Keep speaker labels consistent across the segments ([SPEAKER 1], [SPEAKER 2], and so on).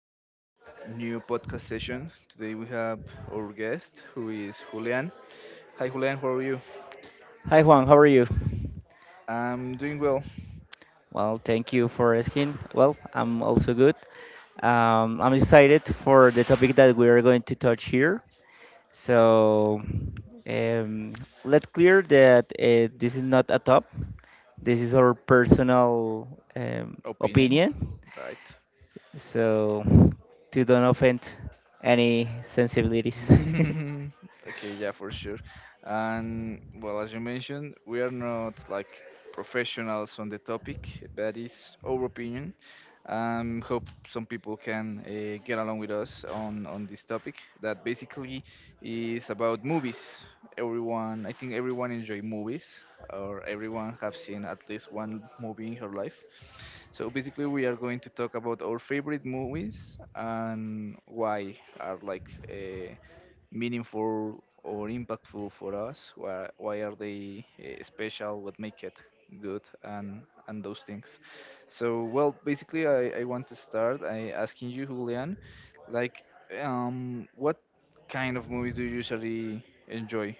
[SPEAKER 1] our new podcast session. Today we have our guest who is Julian. Hi, Julian. How are you?
[SPEAKER 2] Hi, Juan, how are you?
[SPEAKER 1] I'm doing well.
[SPEAKER 2] Well, thank you for asking. Well, I'm also good. I'm excited for the topic that we are going to touch here. So, um, let's clear that this is not a top. This is our personal
[SPEAKER 1] Opinion,
[SPEAKER 2] opinion.
[SPEAKER 1] right?
[SPEAKER 2] So, to don't offend any sensibilities.
[SPEAKER 1] Okay, yeah, for sure. And well, as you mentioned, we are not like professionals on the topic. That is our opinion. Hope some people can get along with us on this topic. That basically is about movies. Everyone, I think everyone enjoy movies, or everyone have seen at least one movie in her life. So basically, we are going to talk about our favorite movies and why are like. Meaningful or impactful for us? Why are they special? What make it good and those things? So well, basically, I want to start I asking you, Julian, like, what kind of movies do you usually enjoy?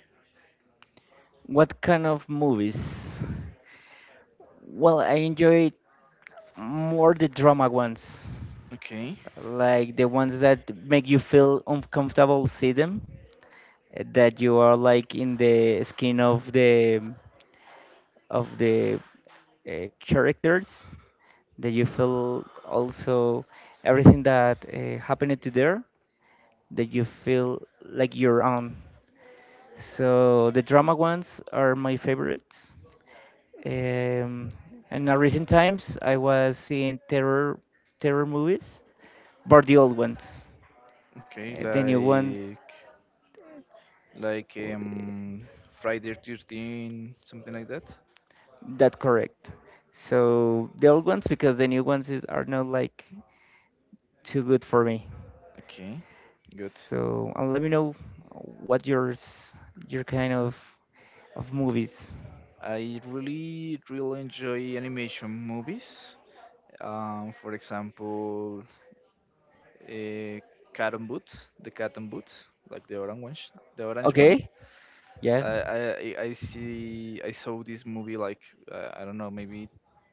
[SPEAKER 2] What kind of movies? Well, I enjoy more the drama ones,
[SPEAKER 1] Okay,
[SPEAKER 2] like the ones that make you feel uncomfortable see them, that you are like in the skin of the of the characters, that you feel also everything that happened to there, that you feel like your own. So the drama ones are my favorites. Um, and in recent times, I was seeing terror movies. But the old ones.
[SPEAKER 1] okay,
[SPEAKER 2] The new ones,
[SPEAKER 1] like like
[SPEAKER 2] uh,
[SPEAKER 1] um Friday 13, something like that.
[SPEAKER 2] that correct. So the old ones because the new ones are not like too good for me.
[SPEAKER 1] Okay, good.
[SPEAKER 2] So and let me know what your kind of movies.
[SPEAKER 1] I really enjoy animation movies. For example, uh, cat and boots, the cat and boots, like the orange one, the orange one.
[SPEAKER 2] Okay, yeah,
[SPEAKER 1] Okay. I saw this movie like I don't know maybe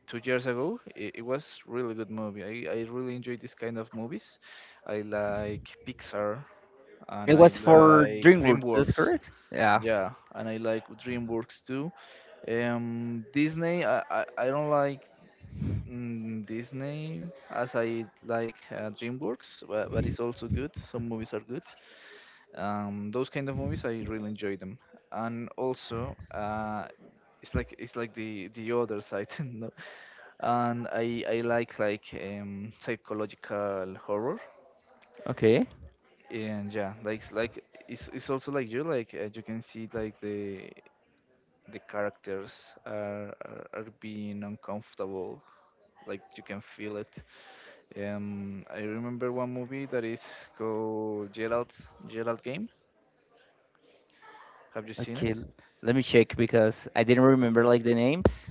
[SPEAKER 1] 2 years ago. It was really good movie. I really enjoy this kind of movies. I like Pixar and
[SPEAKER 2] it
[SPEAKER 1] I
[SPEAKER 2] was
[SPEAKER 1] cool.
[SPEAKER 2] for
[SPEAKER 1] Like
[SPEAKER 2] DreamWorks. That's
[SPEAKER 1] DreamWorks.
[SPEAKER 2] correct. Yeah.
[SPEAKER 1] Yeah, and I like DreamWorks too. Disney, I don't like Disney, as I like DreamWorks, but it's also good. Some movies are good. Those kind of movies, I really enjoy them. And also, it's like the other side, no? And I like psychological horror
[SPEAKER 2] Okay.
[SPEAKER 1] and yeah like it's also like you can see like the characters are are being uncomfortable like you can feel it. I remember one movie that is called Gerald game, have you seen
[SPEAKER 2] Okay.
[SPEAKER 1] it?
[SPEAKER 2] Let me check because I didn't remember like the names.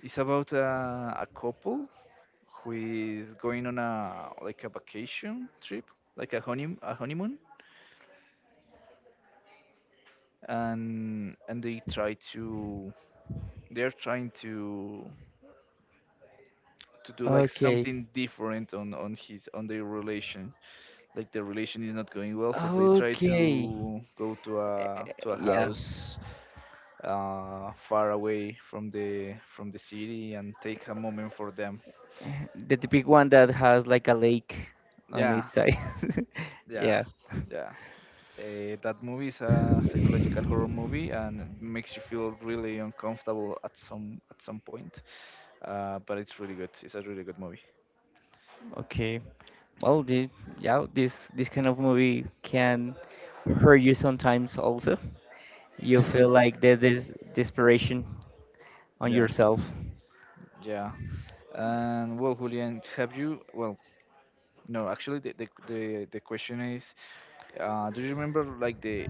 [SPEAKER 1] It's about a couple who is going on a like a vacation trip, like a honeymoon, and they try to, they're trying to do like
[SPEAKER 2] Okay.
[SPEAKER 1] something different on his on their relation. Like the relation is not going well, so they try
[SPEAKER 2] Okay.
[SPEAKER 1] to go to a
[SPEAKER 2] Yeah.
[SPEAKER 1] house far away from the city and take a moment for them.
[SPEAKER 2] The big one that has like a lake on
[SPEAKER 1] Yeah,
[SPEAKER 2] its side.
[SPEAKER 1] yeah,
[SPEAKER 2] yeah.
[SPEAKER 1] yeah. That movie is a psychological horror movie and it makes you feel really uncomfortable at some point. But it's really good. It's a really good movie.
[SPEAKER 2] Okay. Well, yeah, this kind of movie can hurt you sometimes. Also, you feel like there's this desperation on
[SPEAKER 1] Yeah,
[SPEAKER 2] yourself.
[SPEAKER 1] yeah. And well julian have you well no, actually, the question is, do you remember like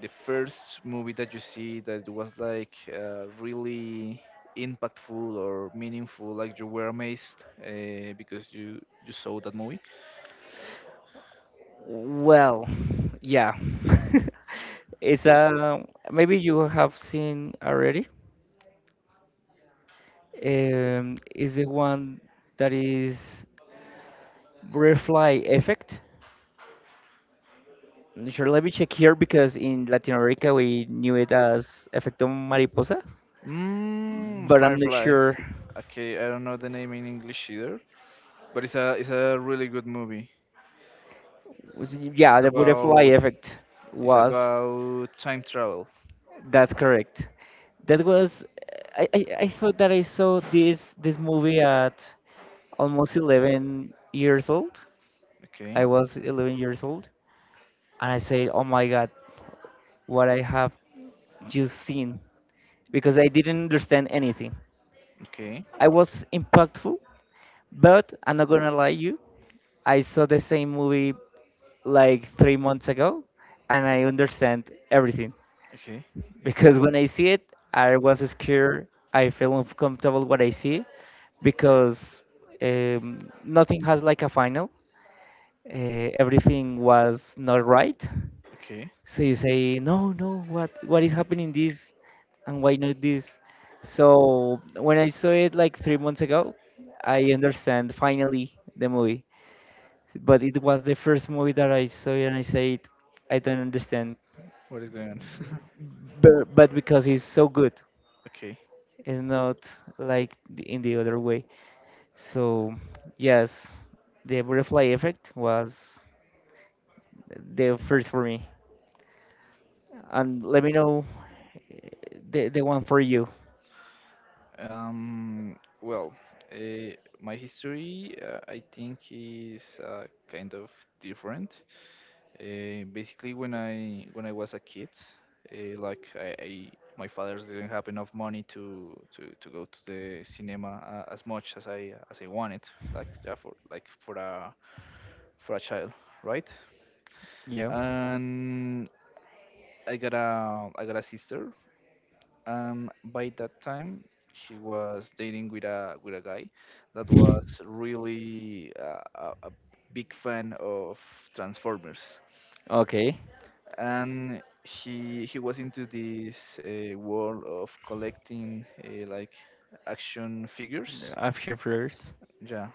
[SPEAKER 1] the first movie that you see that was like really impactful or meaningful? Like you were amazed because you saw that movie.
[SPEAKER 2] Well, yeah. it's a Maybe you have seen already. Is the one that is Butterfly Effect. Sure, let me check here because in Latin America we knew it as Efecto Mariposa, but I'm not
[SPEAKER 1] Firefly.
[SPEAKER 2] sure.
[SPEAKER 1] Okay, I don't know the name in English either, but it's a really good movie.
[SPEAKER 2] Yeah,
[SPEAKER 1] It's
[SPEAKER 2] the Butterfly
[SPEAKER 1] about
[SPEAKER 2] Effect was,
[SPEAKER 1] time travel.
[SPEAKER 2] that's correct. That was, I thought that I saw this movie at almost 11 years old.
[SPEAKER 1] Okay,
[SPEAKER 2] I was 11 years old, and I said, oh my God, what I have just seen, because I didn't understand anything.
[SPEAKER 1] okay,
[SPEAKER 2] I was impactful. But I'm not gonna lie you, I saw the same movie like 3 months ago, and I understand everything
[SPEAKER 1] okay,
[SPEAKER 2] because when I see it, I was scared. I feel uncomfortable what I see because nothing has like a final. Everything was not right,
[SPEAKER 1] okay.
[SPEAKER 2] so you say, no, no, what is happening this and why not this? So when I saw it like 3 months ago, I understand finally the movie. But it was the first movie that I saw it and I said, I don't understand.
[SPEAKER 1] What is going on?
[SPEAKER 2] But because it's so good,
[SPEAKER 1] Okay.
[SPEAKER 2] it's not like in the other way. So yes, the Butterfly Effect was the first for me. And let me know eh, the one for you.
[SPEAKER 1] Well, uh, my history, I think, is kind of different. Basically, when I was a kid, like my father didn't have enough money to go to the cinema as much as I wanted, like yeah, for like for a child, right?
[SPEAKER 2] Yeah.
[SPEAKER 1] And I got a sister, by that time, he was dating with a guy that was really a big fan of Transformers,
[SPEAKER 2] Okay.
[SPEAKER 1] and he was into this world of collecting like action figures.
[SPEAKER 2] Option first.
[SPEAKER 1] Yeah,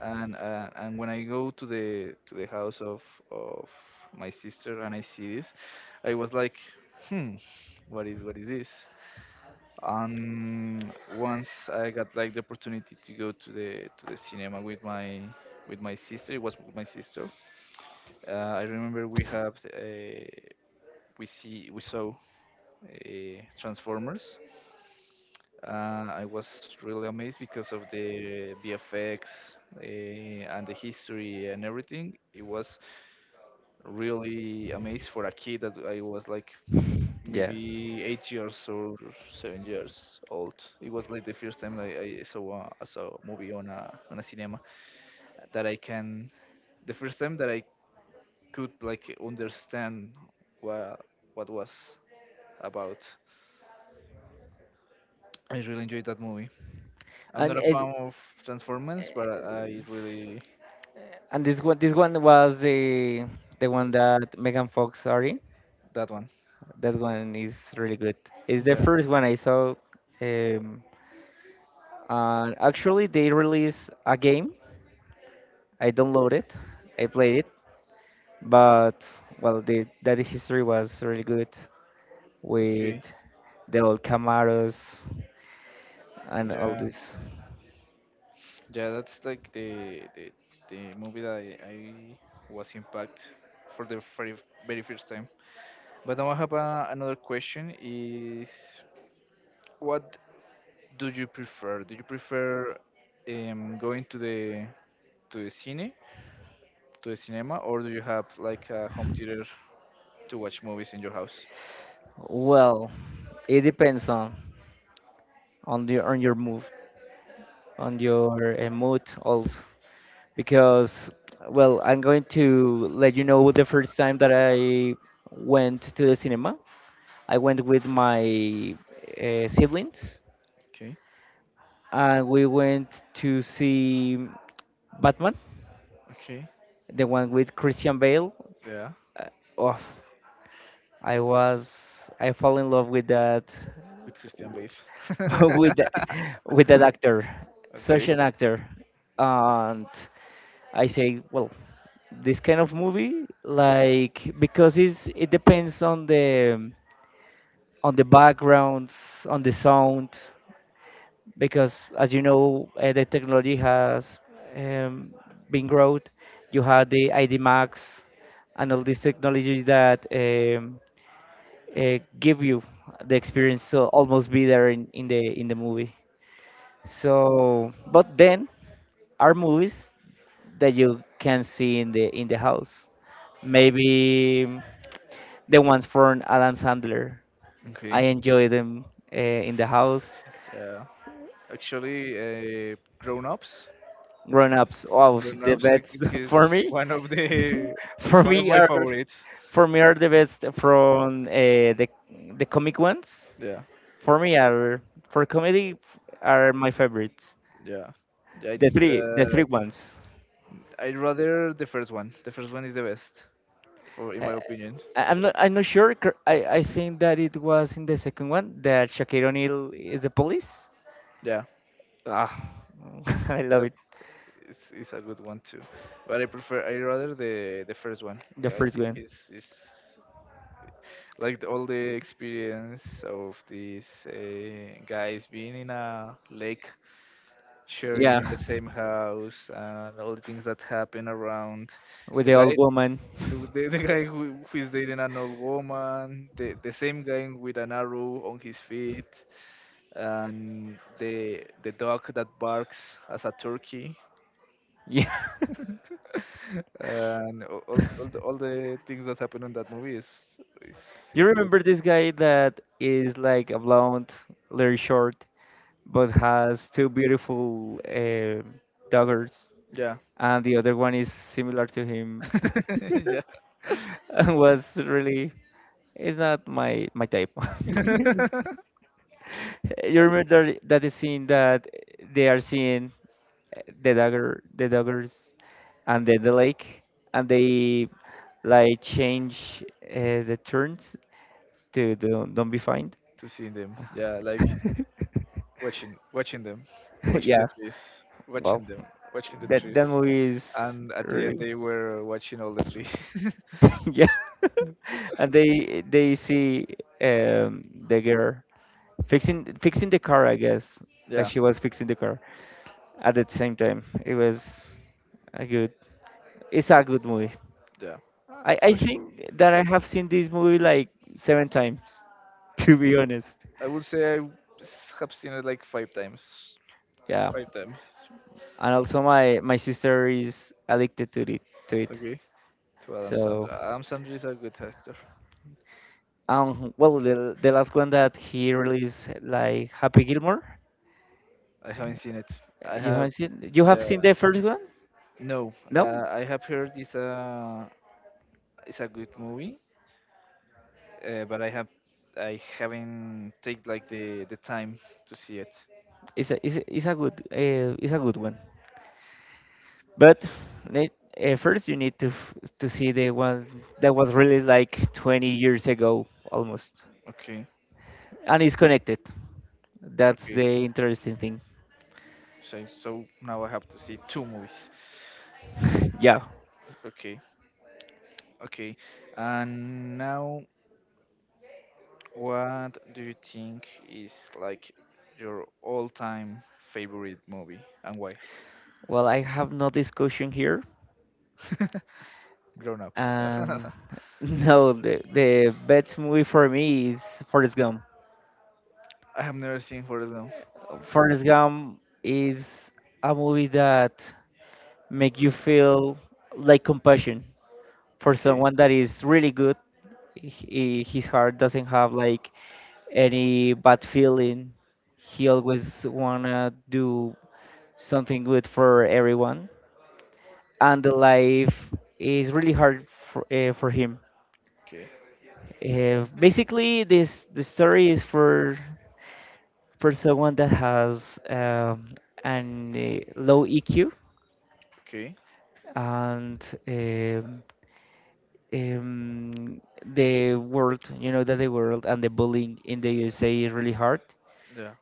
[SPEAKER 1] and when I go to the house of of my sister and I see this, I was like, hmm, what is this? Um, once I got like the opportunity to go to the cinema with my sister. It was with my sister. I remember we saw Transformers. I was really amazed because of the VFX and the history and everything. It was really amazed for a kid that I was like
[SPEAKER 2] Yeah.
[SPEAKER 1] maybe 8 years or 7 years old. It was like the first time like I saw a movie on a cinema that I can, the first time that I could like understand what was about. I really enjoyed that movie. I'm not
[SPEAKER 2] And
[SPEAKER 1] a
[SPEAKER 2] it,
[SPEAKER 1] fan of Transformers, but I
[SPEAKER 2] s-
[SPEAKER 1] really
[SPEAKER 2] and this one was the one that Megan Fox sorry.
[SPEAKER 1] that one.
[SPEAKER 2] That one is really good. It's the
[SPEAKER 1] Yeah.
[SPEAKER 2] first one I saw. Um, and actually they released a game. I downloaded it. I played it. But, well, the that history was really good with
[SPEAKER 1] Okay.
[SPEAKER 2] the old Camaros and all
[SPEAKER 1] Yeah.
[SPEAKER 2] this.
[SPEAKER 1] Yeah. That's like the the movie that I was impacted for the very very first time. But now I have another question: is what do you prefer? Do you prefer going to the to the cine, to the cinema, or do you have like a home theater to watch movies in your house?
[SPEAKER 2] Well, it depends on the on your on your mood also, because, well, I'm going to let you know the first time that I went to the cinema. I went with my siblings,
[SPEAKER 1] Okay,
[SPEAKER 2] and we went to see Batman,
[SPEAKER 1] okay,
[SPEAKER 2] the one with Christian Bale.
[SPEAKER 1] yeah,
[SPEAKER 2] Uh, oh, I fell in love with that
[SPEAKER 1] with Christian Bale.
[SPEAKER 2] with the, with that actor, such
[SPEAKER 1] Okay,
[SPEAKER 2] an actor, and I say, well, this kind of movie, like because it depends on the backgrounds, on the sound, because as you know, the technology has um, been growth. You have the ID Max and all this technology that give you the experience to almost be there in the movie. So, but then are movies that you can see in the house. Maybe the ones from Adam Sandler. I
[SPEAKER 1] okay,
[SPEAKER 2] enjoy them uh, in the house.
[SPEAKER 1] yeah. Actually, Grown Ups,
[SPEAKER 2] Grown Ups, wow,
[SPEAKER 1] Grown
[SPEAKER 2] the
[SPEAKER 1] Ups, I
[SPEAKER 2] best
[SPEAKER 1] think is
[SPEAKER 2] for me.
[SPEAKER 1] one of the
[SPEAKER 2] For
[SPEAKER 1] one of
[SPEAKER 2] me
[SPEAKER 1] my
[SPEAKER 2] are
[SPEAKER 1] favorites.
[SPEAKER 2] for me are the best from the comic ones.
[SPEAKER 1] Yeah,
[SPEAKER 2] For me are for comedy are my favorites.
[SPEAKER 1] yeah, yeah. I think
[SPEAKER 2] The three
[SPEAKER 1] that.
[SPEAKER 2] ones.
[SPEAKER 1] I'd rather the first one. The first one is the best, for in my opinion.
[SPEAKER 2] I'm not. I'm not sure. I think that it was in the second one that Shaquille O'Neal is the police.
[SPEAKER 1] Yeah,
[SPEAKER 2] Ah, I love
[SPEAKER 1] that
[SPEAKER 2] it.
[SPEAKER 1] is a good one too. But I rather the first one.
[SPEAKER 2] The
[SPEAKER 1] I
[SPEAKER 2] first
[SPEAKER 1] think
[SPEAKER 2] one.
[SPEAKER 1] is like the all the experience of these guys being in a lake, sharing
[SPEAKER 2] Yeah,
[SPEAKER 1] in the same house, and all the things that happen around.
[SPEAKER 2] with
[SPEAKER 1] The
[SPEAKER 2] the old
[SPEAKER 1] guy,
[SPEAKER 2] woman.
[SPEAKER 1] the, the guy who is dating an old woman, the same guy with an arrow on his feet and the dog that barks as a turkey
[SPEAKER 2] Yeah.
[SPEAKER 1] and all the things that happen in that movie is,
[SPEAKER 2] You
[SPEAKER 1] is good.
[SPEAKER 2] remember this guy that is like a blonde, little short, but has two beautiful daughters,
[SPEAKER 1] Yeah.
[SPEAKER 2] and the other one is similar to him.
[SPEAKER 1] Yeah.
[SPEAKER 2] was really It's not my type. You remember that the scene that they are seeing the daggers, and then the lake, and they like change the turns to don't be fined.
[SPEAKER 1] To see them, yeah, like watching watching them watching the
[SPEAKER 2] Yeah,
[SPEAKER 1] trees
[SPEAKER 2] well,
[SPEAKER 1] watching them watching the trees,
[SPEAKER 2] that movie is
[SPEAKER 1] and at the end
[SPEAKER 2] really
[SPEAKER 1] they were watching all the trees.
[SPEAKER 2] yeah. And they see the girl fixing the car, I guess that
[SPEAKER 1] Yeah,
[SPEAKER 2] she was fixing the car, at the same time. It was a good. It's a good movie.
[SPEAKER 1] yeah,
[SPEAKER 2] I
[SPEAKER 1] for sure.
[SPEAKER 2] think that I have seen this movie like seven times, to be honest.
[SPEAKER 1] I would say have seen it like five times.
[SPEAKER 2] Yeah,
[SPEAKER 1] Five times.
[SPEAKER 2] and also my sister is addicted to it.
[SPEAKER 1] Okay. To Adam
[SPEAKER 2] So
[SPEAKER 1] Sandler. Adam Sandler is a good actor.
[SPEAKER 2] well, the last one that he released like Happy Gilmore.
[SPEAKER 1] I haven't seen it. I
[SPEAKER 2] You
[SPEAKER 1] have.
[SPEAKER 2] haven't seen You
[SPEAKER 1] Yeah.
[SPEAKER 2] have seen the first one?
[SPEAKER 1] No,
[SPEAKER 2] No,
[SPEAKER 1] I have heard it's a good movie, but I haven't take like the time to see it.
[SPEAKER 2] it's a good one. But need, first you need to see the one that was released like 20 years ago almost,
[SPEAKER 1] Okay.
[SPEAKER 2] and it's connected. That's
[SPEAKER 1] Okay.
[SPEAKER 2] the interesting thing.
[SPEAKER 1] So so now I have to see two movies.
[SPEAKER 2] yeah.
[SPEAKER 1] Okay. Okay. And now what do you think is like your all-time favorite movie and why?
[SPEAKER 2] Well, I have no discussion here,
[SPEAKER 1] Grown Ups.
[SPEAKER 2] and no, the best movie for me is Forrest Gump.
[SPEAKER 1] I have never seen Forrest Gump.
[SPEAKER 2] Forrest Gump is a movie that make you feel like compassion for
[SPEAKER 1] Okay,
[SPEAKER 2] someone that is really good. His heart doesn't have like any bad feeling. He always wanna do something good for everyone, and the life is really hard for him.
[SPEAKER 1] okay,
[SPEAKER 2] Basically, this the story is for someone that has an low EQ,
[SPEAKER 1] okay.
[SPEAKER 2] and the world, you know, that the world and the bullying in the USA is really hard.
[SPEAKER 1] Yeah,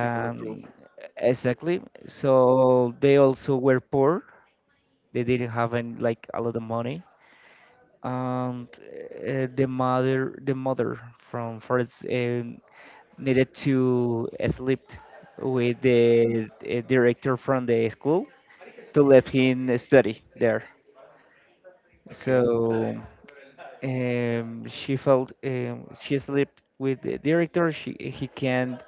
[SPEAKER 1] people are cruel.
[SPEAKER 2] exactly. So they also were poor. They didn't have any, like a lot of money. And the mother from Forest needed to sleep with the director from the school to let him study there.
[SPEAKER 1] Okay,
[SPEAKER 2] So she slept with the director. She He can't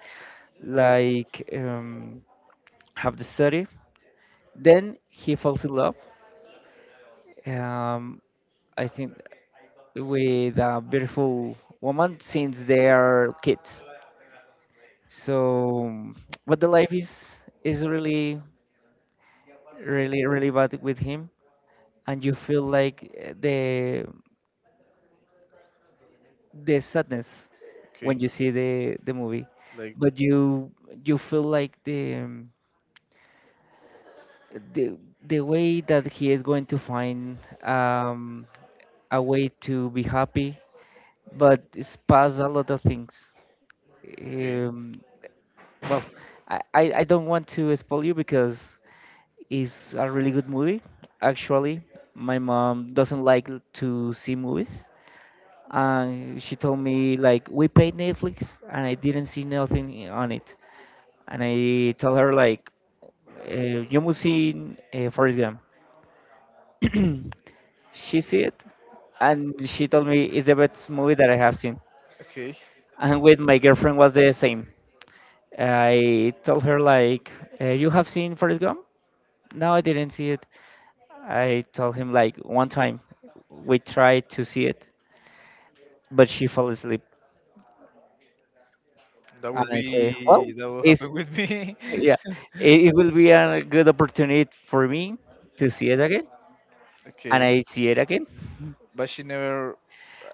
[SPEAKER 2] like have the study. Then he falls in love. Um, I think with a beautiful woman since they are kids. So, but the life is really, really, really bad with him, and you feel like the sadness when
[SPEAKER 1] okay.
[SPEAKER 2] you see the movie,
[SPEAKER 1] Like,
[SPEAKER 2] but you feel like the the way that he is going to find um, a way to be happy, but it's past a lot of things.
[SPEAKER 1] okay,
[SPEAKER 2] Um, well, I don't want to spoil you because it's a really good movie. Actually, my mom doesn't like to see movies, and she told me like we paid Netflix and I didn't see nothing on it. And I told her like uh, you must see Forrest Gump. She see it and she told me it's the best movie that I have seen.
[SPEAKER 1] okay.
[SPEAKER 2] And with my girlfriend was the same. I told her like you have seen Forrest Gump? No, I didn't see it. I told him like one time we tried to see it, but she fell asleep.
[SPEAKER 1] That
[SPEAKER 2] And
[SPEAKER 1] would
[SPEAKER 2] I say, well,
[SPEAKER 1] be that will
[SPEAKER 2] it's
[SPEAKER 1] happen with me.
[SPEAKER 2] yeah, it will be a good opportunity for me to see it again, and
[SPEAKER 1] Okay,
[SPEAKER 2] I see it again.
[SPEAKER 1] but she never.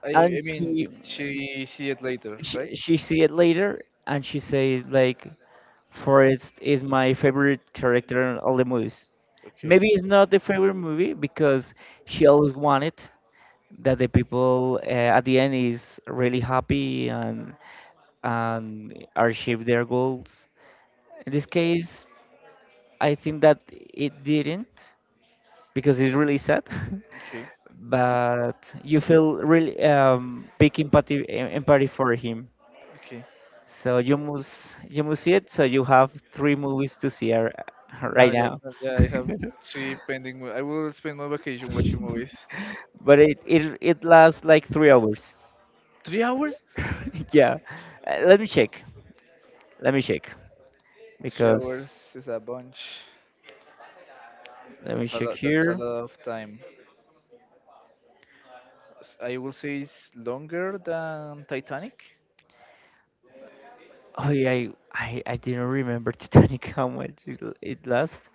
[SPEAKER 2] And
[SPEAKER 1] I mean, she see it later, right?
[SPEAKER 2] she see it later, and she say like, Forrest is my favorite character in all the movies.
[SPEAKER 1] Okay,
[SPEAKER 2] Maybe it's not the favorite movie because she always wanted that the people at the end is really happy and achieve their goals. In this case, I think that it didn't because it's really sad.
[SPEAKER 1] okay,
[SPEAKER 2] But you feel really big empathy empathy for him.
[SPEAKER 1] okay.
[SPEAKER 2] So you must see it. So you have three movies to see
[SPEAKER 1] Now
[SPEAKER 2] right
[SPEAKER 1] that
[SPEAKER 2] now,
[SPEAKER 1] that, yeah, I have three pending. I will spend my vacation watching movies.
[SPEAKER 2] but it lasts like 3 hours.
[SPEAKER 1] 3 hours?
[SPEAKER 2] yeah, let me check. Let me check
[SPEAKER 1] Three
[SPEAKER 2] because
[SPEAKER 1] hours is a bunch.
[SPEAKER 2] let me
[SPEAKER 1] That's a
[SPEAKER 2] check
[SPEAKER 1] lot. That's a
[SPEAKER 2] here.
[SPEAKER 1] lot of time. I will say it's longer than Titanic.
[SPEAKER 2] Oh yeah, I didn't remember Titanic how much it lasts,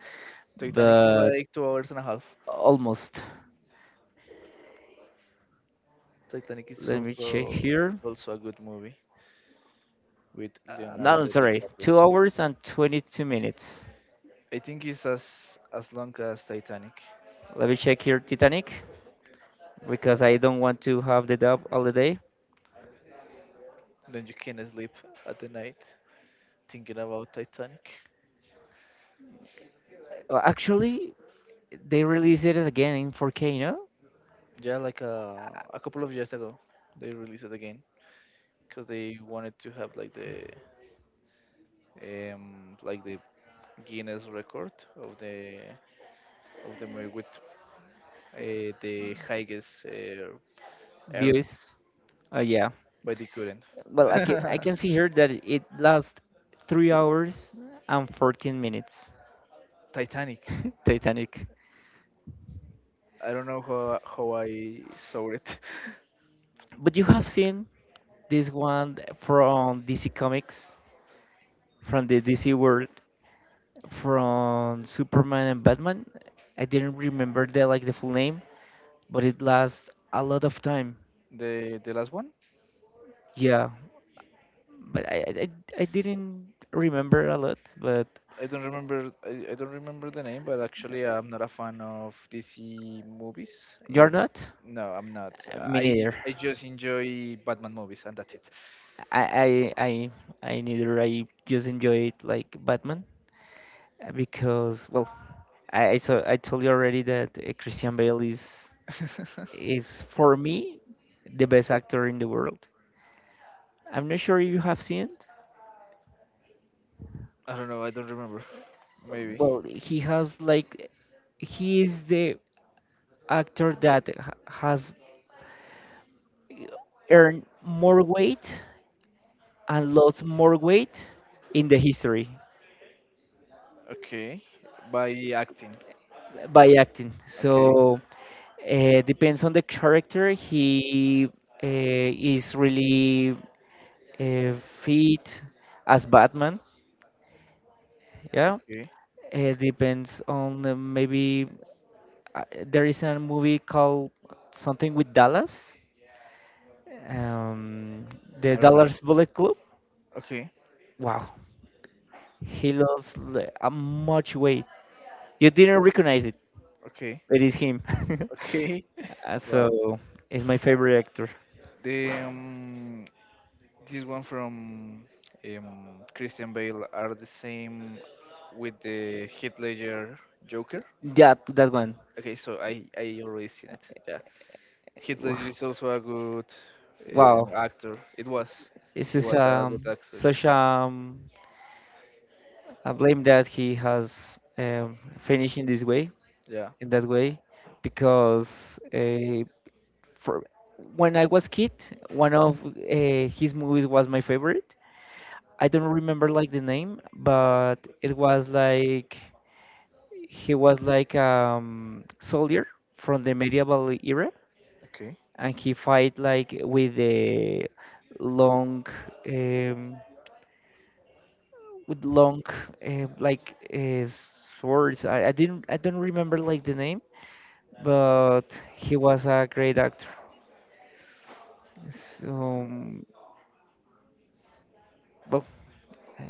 [SPEAKER 1] Titanic is
[SPEAKER 2] but
[SPEAKER 1] like 2 hours and a half.
[SPEAKER 2] almost.
[SPEAKER 1] Titanic is
[SPEAKER 2] Let me check
[SPEAKER 1] also it's
[SPEAKER 2] here.
[SPEAKER 1] also a good movie with
[SPEAKER 2] No, I'm
[SPEAKER 1] Leonardo
[SPEAKER 2] sorry.
[SPEAKER 1] DiCaprio.
[SPEAKER 2] 2 hours and 22 minutes.
[SPEAKER 1] I think it's as long as Titanic.
[SPEAKER 2] Let me check here Titanic because I don't want to have the dub all the day.
[SPEAKER 1] Then you can sleep at the night thinking about Titanic.
[SPEAKER 2] Actually, they released it again in 4K, no?
[SPEAKER 1] Yeah, like a couple of years ago, they released it again because they wanted to have like the Guinness record of the movie with the highest earnest,
[SPEAKER 2] Views. Oh yeah.
[SPEAKER 1] but they couldn't.
[SPEAKER 2] Well, I can see here that it lasts 3 hours and 14 minutes.
[SPEAKER 1] Titanic.
[SPEAKER 2] Titanic.
[SPEAKER 1] I don't know how I saw it.
[SPEAKER 2] But you have seen this one from DC Comics, from the DC world, from Superman and Batman. I didn't remember the like the full name, but it lasts a lot of time.
[SPEAKER 1] The last one.
[SPEAKER 2] Yeah, but I didn't remember a lot, but
[SPEAKER 1] I don't remember. I don't remember the name, but actually, I'm not a fan of DC movies.
[SPEAKER 2] you're
[SPEAKER 1] In
[SPEAKER 2] not?
[SPEAKER 1] no, I'm not.
[SPEAKER 2] Me neither.
[SPEAKER 1] I just enjoy Batman movies, and that's it.
[SPEAKER 2] I, I, I, I neither. I just enjoy it like Batman because, well, I saw, I told you already that Christian Bale is for me the best actor in the world. I'm not sure you have seen it.
[SPEAKER 1] I don't know. I don't remember. Maybe.
[SPEAKER 2] Well, he has like, he is the actor that has earn more weight and lost more weight in the history
[SPEAKER 1] Okay. By acting.
[SPEAKER 2] by acting.
[SPEAKER 1] Okay.
[SPEAKER 2] So depends on the character. He uh, is really uh, fit as Batman. Yeah,
[SPEAKER 1] Okay.
[SPEAKER 2] it depends on maybe there is a movie called something with Dallas, um, the
[SPEAKER 1] I don't know.
[SPEAKER 2] Dallas Bullet Club.
[SPEAKER 1] Okay.
[SPEAKER 2] Wow, he lost a much weight. You didn't recognize it.
[SPEAKER 1] Okay.
[SPEAKER 2] It is him.
[SPEAKER 1] Okay.
[SPEAKER 2] Uh,
[SPEAKER 1] Wow.
[SPEAKER 2] so he's my favorite actor.
[SPEAKER 1] The This one from Christian Bale are the same with the Heath Ledger Joker.
[SPEAKER 2] Yeah, that one.
[SPEAKER 1] Okay, so I already seen it. Yeah, Heath Ledger is also a good
[SPEAKER 2] Wow,
[SPEAKER 1] actor. It was
[SPEAKER 2] it's
[SPEAKER 1] he
[SPEAKER 2] such
[SPEAKER 1] was a
[SPEAKER 2] a
[SPEAKER 1] good actor.
[SPEAKER 2] such a blame that he has finished in this way,
[SPEAKER 1] Yeah,
[SPEAKER 2] in that way, because for when I was kid, one of his movies was my favorite. I don't remember like the name, but it was like he was like soldier from the medieval era
[SPEAKER 1] okay.
[SPEAKER 2] and he fight like with the long um, with long like swords. I didn't I don't remember like the name, but he was a great actor. So well,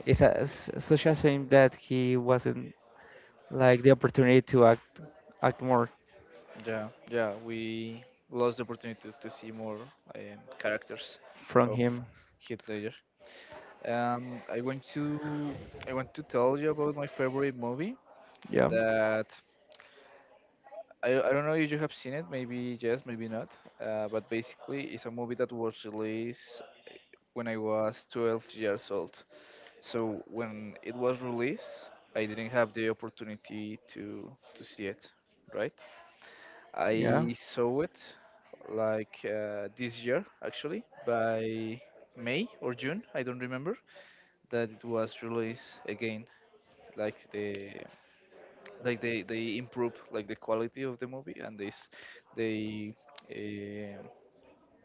[SPEAKER 2] it's a, such a shame that he wasn't like the opportunity to act act more
[SPEAKER 1] Yeah, yeah. We lost the opportunity to see more characters
[SPEAKER 2] from
[SPEAKER 1] of
[SPEAKER 2] him.
[SPEAKER 1] Heath Ledger. I want to tell you about my favorite movie
[SPEAKER 2] Yeah,
[SPEAKER 1] that. I don't know if you have seen it, maybe yes, maybe not. But basically, it's a movie that was released when I was 12 years old. So when it was released, I didn't have the opportunity to see it, right?
[SPEAKER 2] yeah.
[SPEAKER 1] I saw it like this year actually by May or June, I don't remember, that it was released again. Like the like they improve like the quality of the movie and they s- they um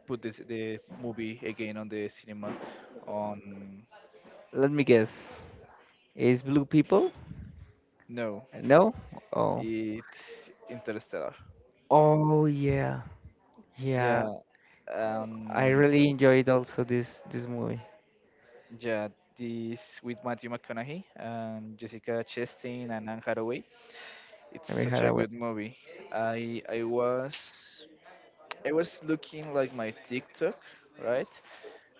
[SPEAKER 1] put this, the movie again on the cinema on
[SPEAKER 2] Let me guess. Is Blue People?
[SPEAKER 1] no
[SPEAKER 2] No. Oh.
[SPEAKER 1] it's Interstellar.
[SPEAKER 2] Oh yeah. Yeah.
[SPEAKER 1] Yeah,
[SPEAKER 2] I
[SPEAKER 1] um,
[SPEAKER 2] really enjoyed also this movie.
[SPEAKER 1] yeah, this with Matthew McConaughey and Jessica Chastain and Anne Hathaway. It's
[SPEAKER 2] Amy
[SPEAKER 1] such a
[SPEAKER 2] Haraway.
[SPEAKER 1] good movie. I I was I was looking like my TikTok, right?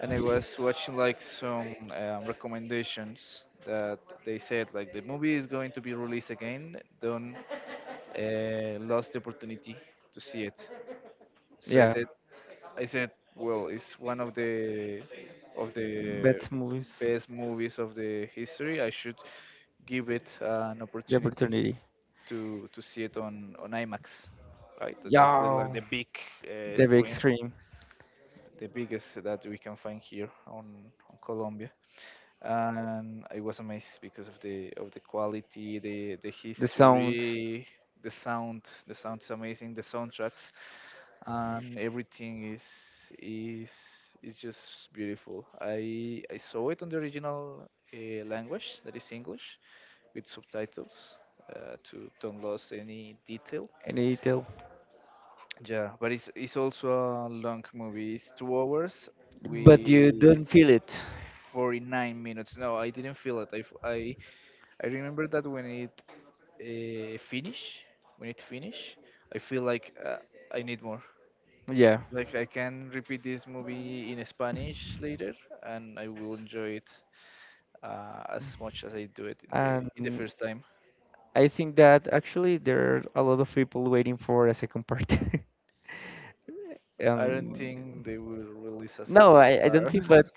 [SPEAKER 1] And I was watching like some recommendations that they said like the movie is going to be released again. Don't lose the opportunity to see it. So
[SPEAKER 2] Yeah,
[SPEAKER 1] I said, well, it's one of the of the
[SPEAKER 2] best movies,
[SPEAKER 1] best movies of the history. I should give it an
[SPEAKER 2] the
[SPEAKER 1] opportunity
[SPEAKER 2] opportunity.
[SPEAKER 1] to see it on IMAX, right? That I said, like
[SPEAKER 2] Yeah,
[SPEAKER 1] the big
[SPEAKER 2] the big
[SPEAKER 1] screens,
[SPEAKER 2] screen,
[SPEAKER 1] the biggest that we can find here on Colombia. And I was amazed because of the quality, the
[SPEAKER 2] the sound,
[SPEAKER 1] history, the sound. The sound is amazing. The soundtracks and everything is is just beautiful. I saw it on the original language that is English with subtitles to don't lose any detail,
[SPEAKER 2] and the detail,
[SPEAKER 1] yeah, but it's also a long movie. It's 2 hours
[SPEAKER 2] but you
[SPEAKER 1] with
[SPEAKER 2] don't feel it.
[SPEAKER 1] 49 minutes. No, I didn't feel it. I remember that when it finish, when it finish, I feel like I need more.
[SPEAKER 2] Yeah,
[SPEAKER 1] Like I can repeat this movie in Spanish later, and I will enjoy it as much as I do it in the
[SPEAKER 2] and
[SPEAKER 1] first time.
[SPEAKER 2] I think that actually there are a lot of people waiting for a second part.
[SPEAKER 1] I don't
[SPEAKER 2] um,
[SPEAKER 1] think they will release a
[SPEAKER 2] no,
[SPEAKER 1] second
[SPEAKER 2] I don't
[SPEAKER 1] part.
[SPEAKER 2] think. But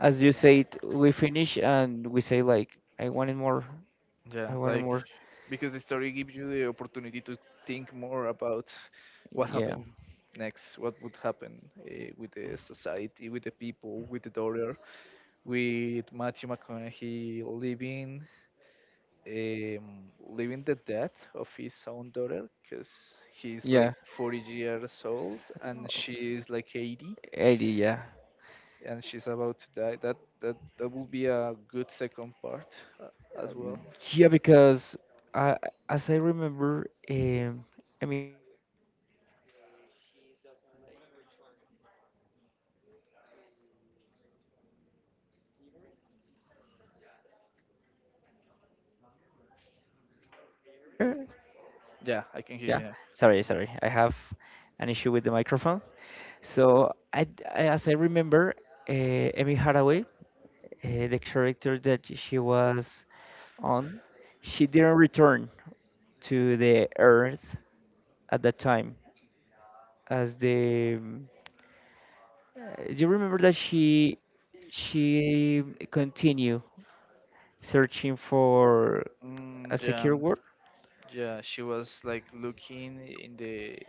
[SPEAKER 2] as you said, we finish and we say like, I wanted more. I
[SPEAKER 1] Yeah,
[SPEAKER 2] wanted
[SPEAKER 1] like
[SPEAKER 2] more.
[SPEAKER 1] because the story gives you the opportunity to think more about what
[SPEAKER 2] Yeah,
[SPEAKER 1] happened next, what would happen with the society, with the people, with the daughter, with Matthew McConaughey living living the death of his own daughter because he's like
[SPEAKER 2] yeah,
[SPEAKER 1] 40 years old and she is like 80
[SPEAKER 2] Eddie. Yeah.
[SPEAKER 1] and she's about to die. That will be a good second part uh, as well.
[SPEAKER 2] Yeah, because uh, as I remember, Amy Haraway, she doesn't like return to. Can you hear me? Uh, Can you hear me?
[SPEAKER 1] Yeah, I can hear
[SPEAKER 2] Yeah.
[SPEAKER 1] you now.
[SPEAKER 2] Sorry, sorry. I have an issue with the microphone. So, I, as I remember, Amy Haraway, the character that she was on, she didn't return to the Earth at that time as the uh, you remember that she continued searching for a
[SPEAKER 1] Mm, yeah.
[SPEAKER 2] secure word?
[SPEAKER 1] Yeah, she was like looking in the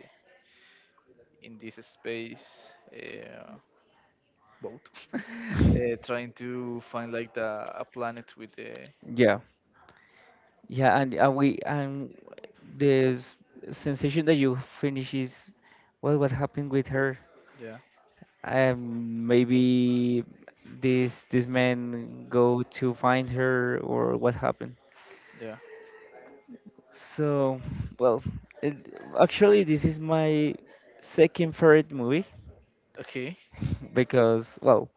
[SPEAKER 1] in this space boat, trying to find like the a planet with the
[SPEAKER 2] Yeah, yeah, and we and this sensation that you finish is well, what happened with her?
[SPEAKER 1] yeah,
[SPEAKER 2] Maybe this man go to find her or what happened?
[SPEAKER 1] yeah.
[SPEAKER 2] So, well, it, actually, this is my second favorite movie
[SPEAKER 1] Okay,
[SPEAKER 2] because, well,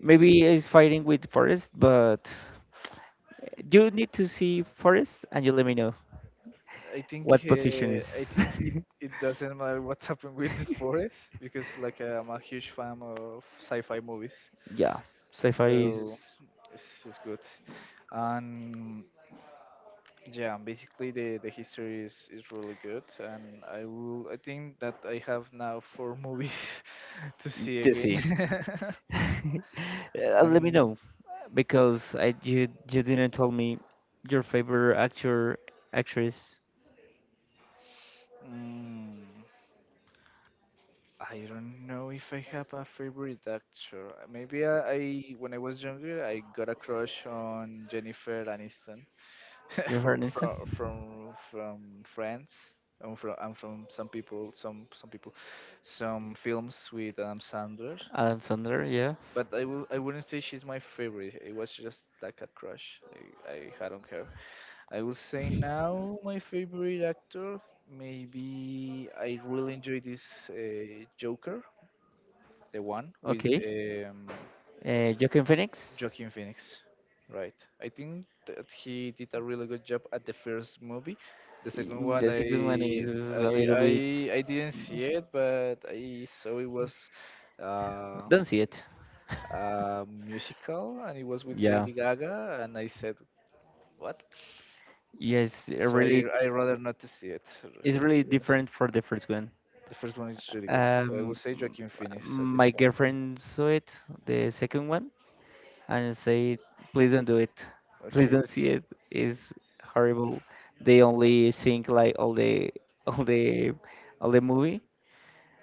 [SPEAKER 2] maybe he's fighting with Forest, but you need to see Forest and you let me know what position
[SPEAKER 1] I
[SPEAKER 2] is.
[SPEAKER 1] think it it doesn't matter what's happened with the forest because like I'm a huge fan of sci-fi movies,
[SPEAKER 2] yeah, sci-fi is
[SPEAKER 1] so this is good. And yeah, and basically the history is really good, and I think that I have now 4 movies to see again.
[SPEAKER 2] dizzy. Let me
[SPEAKER 1] and
[SPEAKER 2] know because I you didn't tell me your favorite actor actress.
[SPEAKER 1] mm, I don't know if I have a favorite actor. Maybe I when I was younger I got a crush on Jennifer Aniston
[SPEAKER 2] Your her
[SPEAKER 1] from
[SPEAKER 2] Nissa?
[SPEAKER 1] from from from Friends. And from some people, some people, some films with Adam Sandler.
[SPEAKER 2] Adam Sandler, yes.
[SPEAKER 1] But I wouldn't say she's my favorite. It was just like a crush I had on her. I will say now my favorite actor, maybe I really enjoy this Joker, the one with
[SPEAKER 2] Okay. Joaquin Phoenix.
[SPEAKER 1] Joaquin Phoenix, right? I think that he did a really good job at the first movie. The second
[SPEAKER 2] Mm,
[SPEAKER 1] one,
[SPEAKER 2] the second one is a little bit.
[SPEAKER 1] I didn't see it, but I saw it was uh,
[SPEAKER 2] Don't see it.
[SPEAKER 1] musical, and it was with
[SPEAKER 2] Yeah.
[SPEAKER 1] Lady Gaga, and I said, "What?"
[SPEAKER 2] Yes, it
[SPEAKER 1] So I
[SPEAKER 2] really,
[SPEAKER 1] I rather not to see it,
[SPEAKER 2] it's really
[SPEAKER 1] to be honest.
[SPEAKER 2] different for the first one.
[SPEAKER 1] The first one is really good. I will
[SPEAKER 2] Um,
[SPEAKER 1] say
[SPEAKER 2] m-
[SPEAKER 1] Joaquin Phoenix at this
[SPEAKER 2] my
[SPEAKER 1] point.
[SPEAKER 2] girlfriend saw it, the second one, and said, "Please don't do it. Please
[SPEAKER 1] Okay,
[SPEAKER 2] don't see it. It's horrible. They only think like all the, all the, all the movie."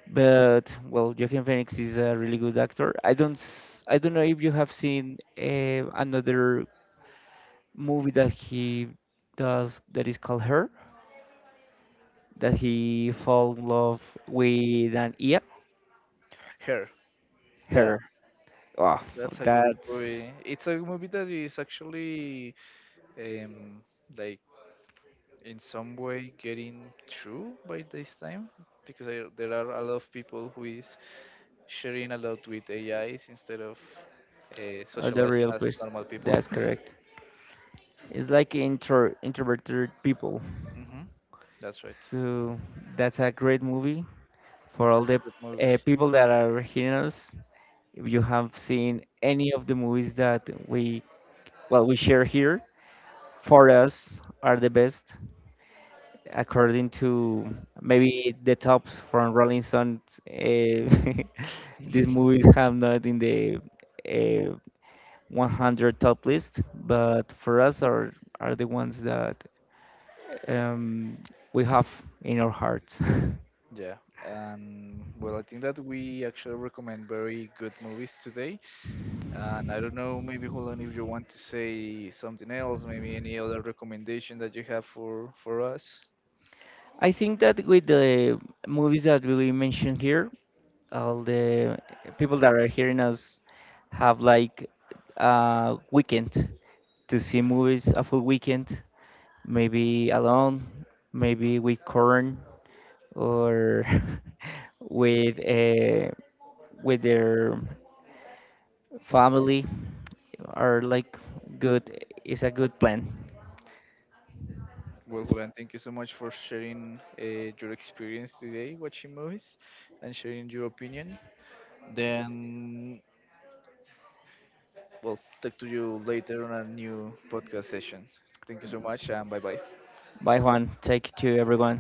[SPEAKER 2] But well, Joaquin Phoenix is a really good actor. I don't know if you have seen another movie that he does that is called Her. That he fall in love with an yeah
[SPEAKER 1] Her. Yeah,
[SPEAKER 2] her. Oh,
[SPEAKER 1] that's a good
[SPEAKER 2] that's
[SPEAKER 1] movie. It's a movie that is actually um like in some way getting true by this time because there are a lot of people who is sharing a lot with AIs instead of
[SPEAKER 2] the
[SPEAKER 1] socializing
[SPEAKER 2] real
[SPEAKER 1] as
[SPEAKER 2] place.
[SPEAKER 1] normal people.
[SPEAKER 2] That's correct. It's like introverted people.
[SPEAKER 1] Hmm, that's right.
[SPEAKER 2] So that's a great movie for all
[SPEAKER 1] It's a
[SPEAKER 2] the
[SPEAKER 1] good movie.
[SPEAKER 2] people that are hearing us. If you have seen any of the movies that we well we share here, for us are the best, according to maybe the tops from Rolling Stones, uh, these movies have not in the uh, 100 top list, but for us are the ones that um, we have in our hearts.
[SPEAKER 1] Yeah, and well, I think that we actually recommend very good movies today. And I don't know, maybe Julian, if you want to say something else, maybe any other recommendation that you have for us.
[SPEAKER 2] I think that with the movies that we mentioned here, all the people that are hearing us have like a weekend to see movies, a full weekend, maybe alone, maybe with Corn or with uh, with their family are like good. It's a good plan.
[SPEAKER 1] Well, Julian, thank you so much for sharing your experience today watching movies and sharing your opinion. Then, well, talk to you later on a new podcast session. Thank you so much, and bye bye.
[SPEAKER 2] Bye, Juan. Take to everyone.